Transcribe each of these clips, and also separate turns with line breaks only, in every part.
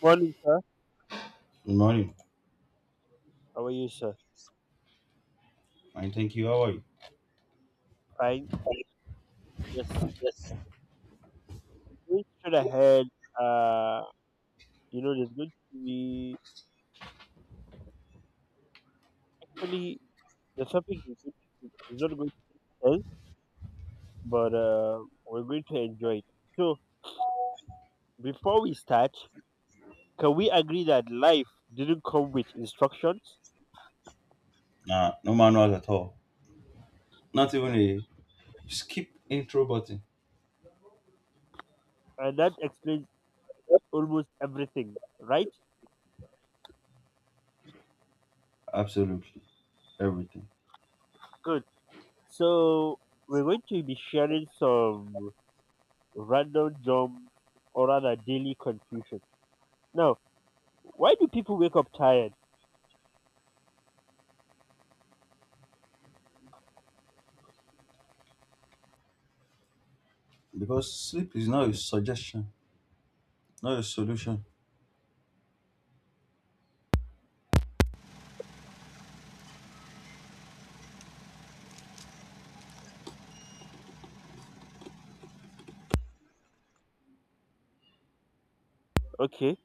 Morning, sir.
Good morning.
How are you, sir?
Fine, thank you. How are you?
Fine. Yes. Going straight ahead. Uh, there's going to be actually the topic is not going to end, but we're going to enjoy it. So, before we start, can we agree that life didn't come with instructions,
Nah, no manuals at all. Not even a skip intro button.
and that explains almost everything, right?
Absolutely everything.
Good. So, we're going to be sharing some random jump or rather daily confusion. Now, why do people wake up tired?
Because sleep is not a suggestion, not a solution.
Okay.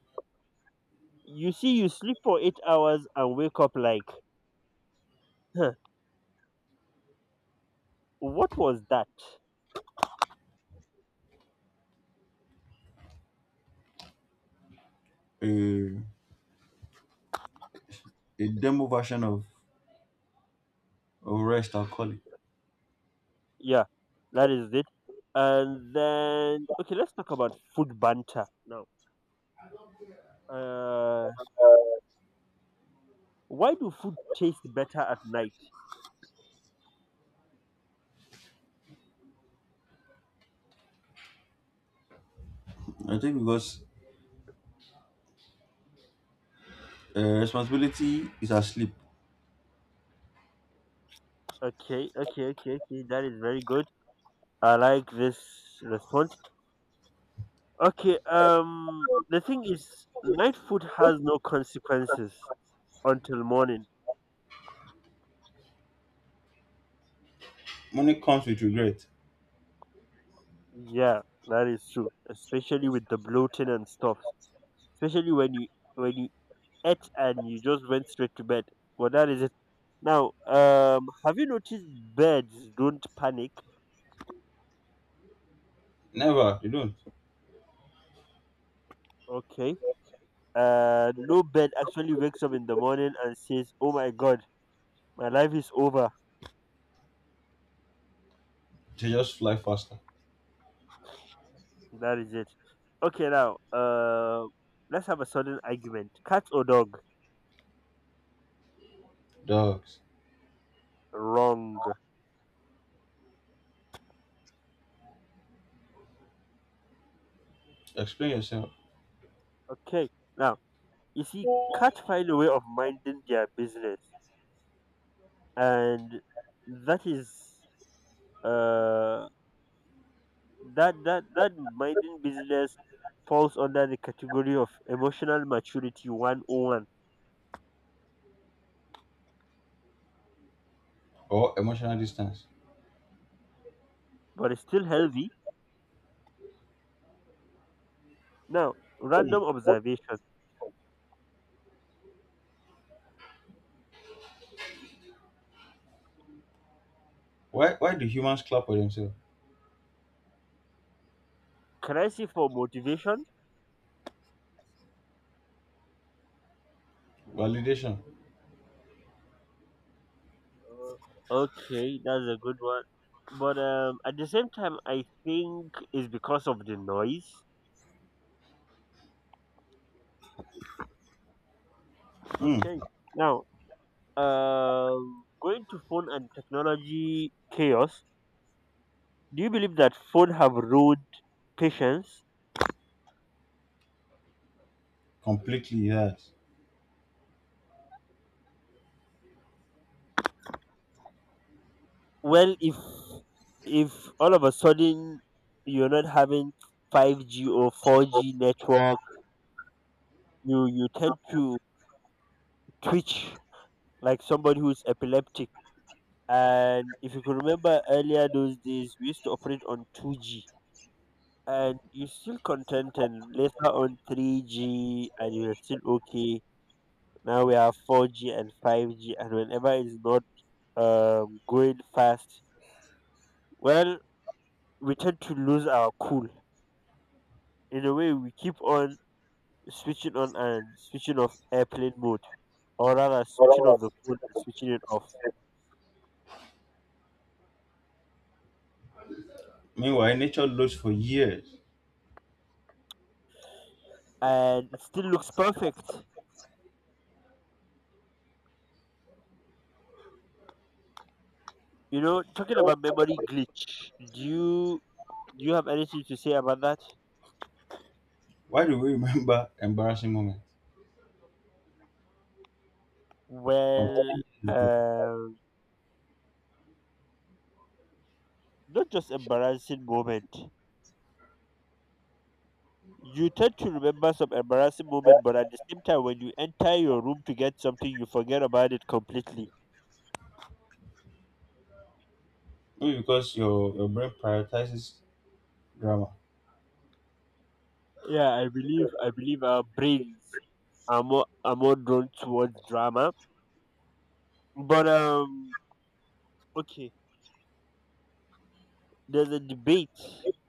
You see, you sleep for 8 hours and wake up like, huh, what was that?
A, a demo version of rest, I'll call it.
Yeah, that is it. And then, okay, let's talk about food banter now. Uh, why do food taste better at night?
I think because responsibility is asleep.
Okay, okay, okay, okay. That is very good. I like this response. Okay, the thing is, night food has no consequences until morning.
Money comes with regret.
Yeah, that is true, especially with the bloating and stuff, especially when you ate and you just went straight to bed. Well, that is it. Now, have you noticed birds don't panic?
Never, they don't.
Okay. No bird actually wakes up in the morning and says, "Oh my God, my life is over."
They just fly faster.
That is it. Okay, now, let's have a sudden argument. Cat or dog?
Dogs,
Wrong.
explain yourself
Okay. Now, you see, cats find a way of minding their business, and that is uh that minding business falls under the category of emotional maturity 101,
or emotional distance.
but it's still healthy. Now,
Hmm.
random observation,
Why do humans clap for themselves?
can I see for motivation.
Validation.
Okay, that's a good one, but at the same time I think it's because of the noise.
Hmm.
Okay. Now, going to phone and technology chaos, do you believe that phone have ruined patience?
Completely, yes.
Well, if all of a sudden you're not having 5g or 4g network, you tend to twitch like somebody who's epileptic. And if you could remember earlier, those days we used to operate on 2g and you're still content, and later on 3g and you're still okay. Now we have 4g and 5g, and whenever it's not going fast, well, we tend to lose our cool. In a way, we keep on switching on and switching off airplane mode, or rather switching off the phone and switching it off,
Meanwhile, nature loads for years.
and it still looks perfect. You know, talking about memory glitch, do you have anything to say about that?
Why do we remember embarrassing moments from
Well,
time to time?
um, not just embarrassing moment. You tend to remember some embarrassing moment, but at the same time, when you enter your room to get something, you forget about it completely.
Maybe because your brain prioritizes drama.
Yeah, I believe our brains are more drawn towards drama. But okay, there's a debate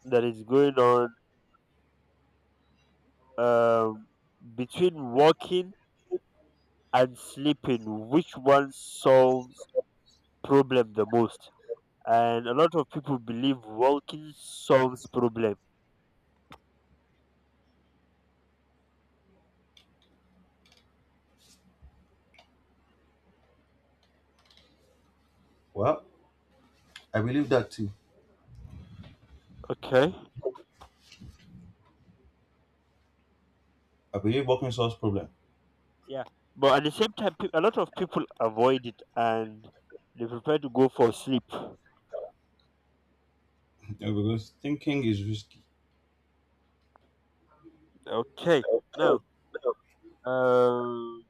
that is going on um between walking and sleeping, which one solves problem the most? And a lot of people believe walking solves problem.
Well, I believe that too.
Okay,
I believe working solves problem.
yeah, but at the same time, a lot of people avoid it and they prefer to go for sleep.
Yeah, because thinking is risky.
Okay, now, um,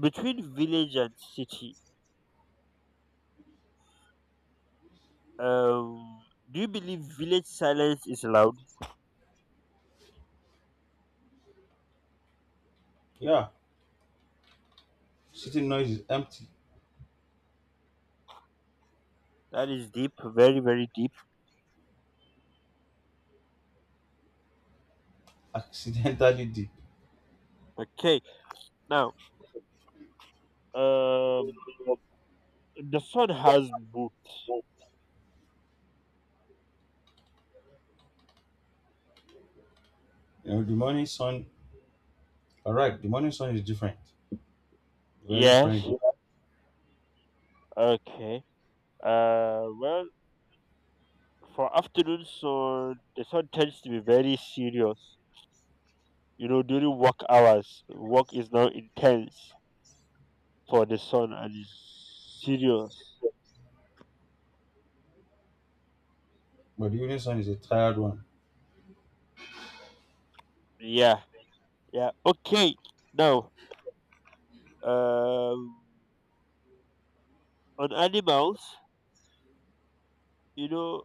between village and city. Um, do you believe village silence is loud?
Yeah, city noise is empty.
That is deep, very, very deep.
Accidentally deep.
Okay, now, um, the sun has boot.
You know, the morning sun. All right, the morning sun is different, very
Yes.
friendly,
Okay. Well, for afternoon, so the sun tends to be very serious. You know, during work hours, work is now intense for the sun and is serious.
but the evening sun is a tired one.
Yeah. Yeah. Okay. Now, um, on animals, you know,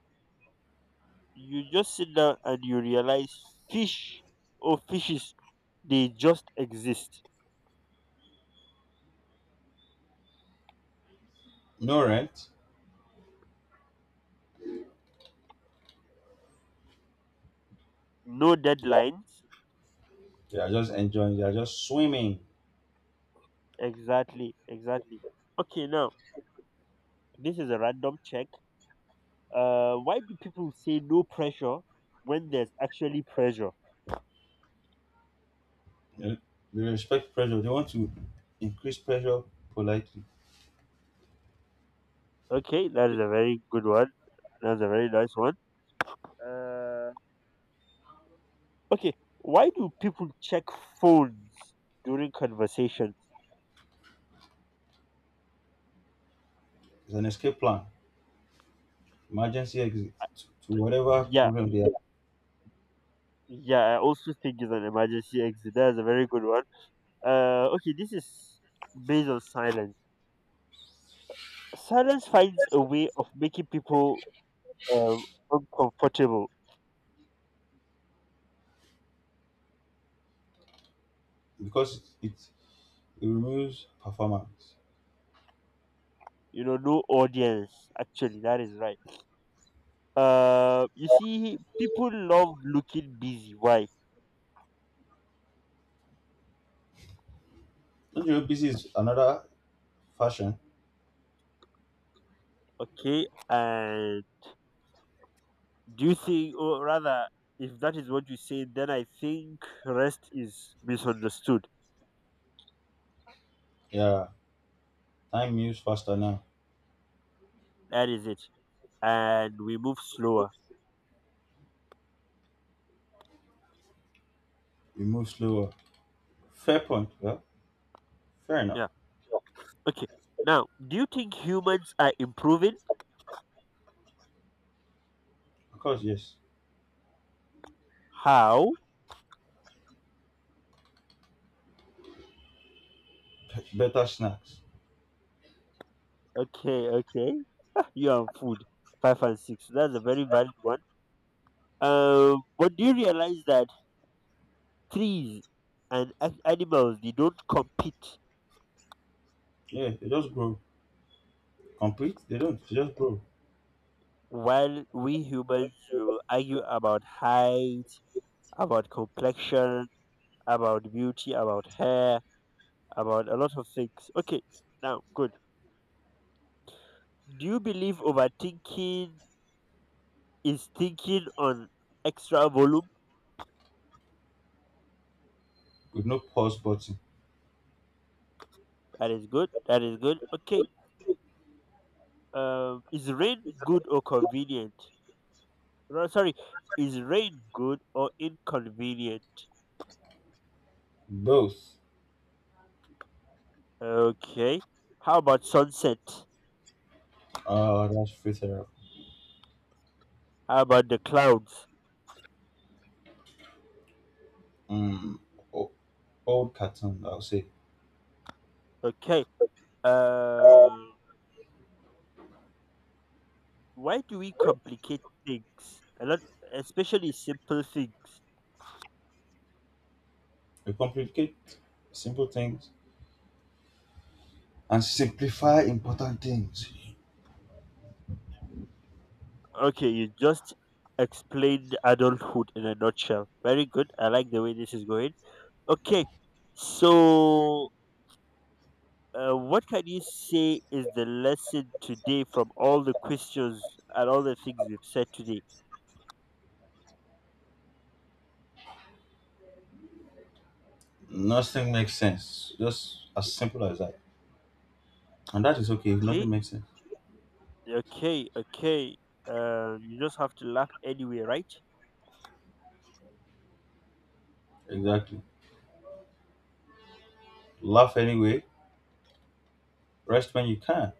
you just sit down and you realize fish or fishes, they just exist.
No rent.
No
Yeah,
deadlines.
they are just enjoying. They are just swimming.
Exactly, exactly. Okay, now this is a random check. Why do people say no pressure when there's actually pressure?
They they respect pressure. They want to increase pressure politely.
Okay, that is a very good one, that's a very nice one. uh okay, why do people check phones during conversations?
It's an escape plan, emergency exit to whatever
Yeah,
problem they have,
yeah, I also think it's an emergency exit, that's a very good one. Okay, this is based on silence. Silence finds a way of making people um, uncomfortable.
because it removes performance.
You know, no audience. Actually, that is right. You see, people love looking busy. Why?
Don't you know busy is another fashion?
Okay, and do you think, or rather, if that is what you say, then I think rest is misunderstood.
Yeah, time moves faster now.
That is it, and we move slower.
We move slower. Fair point. Yeah, fair enough.
Yeah. Okay. Now, do you think humans are improving?
Of course, yes.
How?
Better snacks.
Okay, okay. You and food. Five and six. That's a very valid one. But do you realize that trees and animals, they don't compete?
Yeah, they just grow. Complete? They don't. They just grow
While we humans, we will argue about height, about complexion, about beauty, about hair, about a lot of things. Okay, now good. Do you believe overthinking is thinking on extra volume?
with no pause button.
That is good. That is good. Okay. Is rain good or convenient? Sorry, is rain good or inconvenient?
Both.
Okay. How about sunset?
That's free therapy.
How about the clouds?
Mm. Oh, old cartoon, I'll say.
Okay. Uh, why do we complicate things? A lot, especially simple things.
We complicate simple things and simplify important things.
Okay, you just explained adulthood in a nutshell. Very good. I like the way this is going. Okay, so what can you say is the lesson today from all the questions and all the things we've said today?
Nothing makes sense. Just as simple as that. And that is okay if nothing
Okay.
makes sense.
Okay, okay. You just have to laugh anyway, right?
Exactly. Laugh anyway. Rest when you can.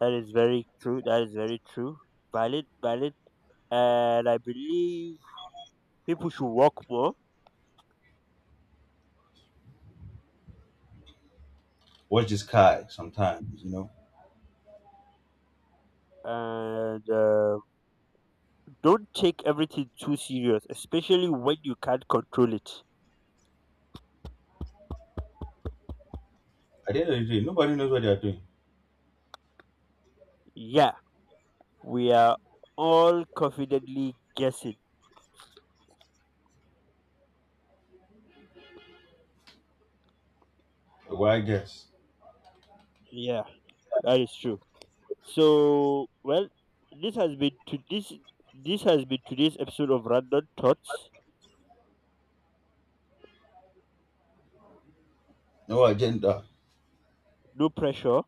That is very true. That is very true. Valid, valid. And I believe people should work more
Watch the sky sometimes, you know.
and don't take everything too serious, especially when you can't control it.
At the end of the day, nobody knows what they are doing.
Yeah, we are all confidently guessing.
A wild guess.
Yeah, that is true. So, well, this has been to this. This has been today's episode of Random Thoughts.
No agenda.
No pressure,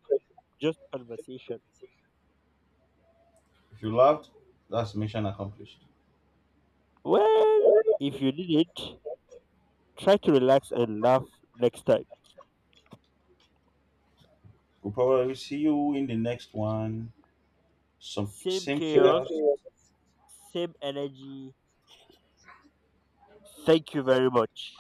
just conversation.
If you laughed, that's mission accomplished.
Well, if you did it, try to relax and laugh next time.
We'll probably see you in the next one. Some
Same
same
chaos,
chaos.
same energy. Thank you very much.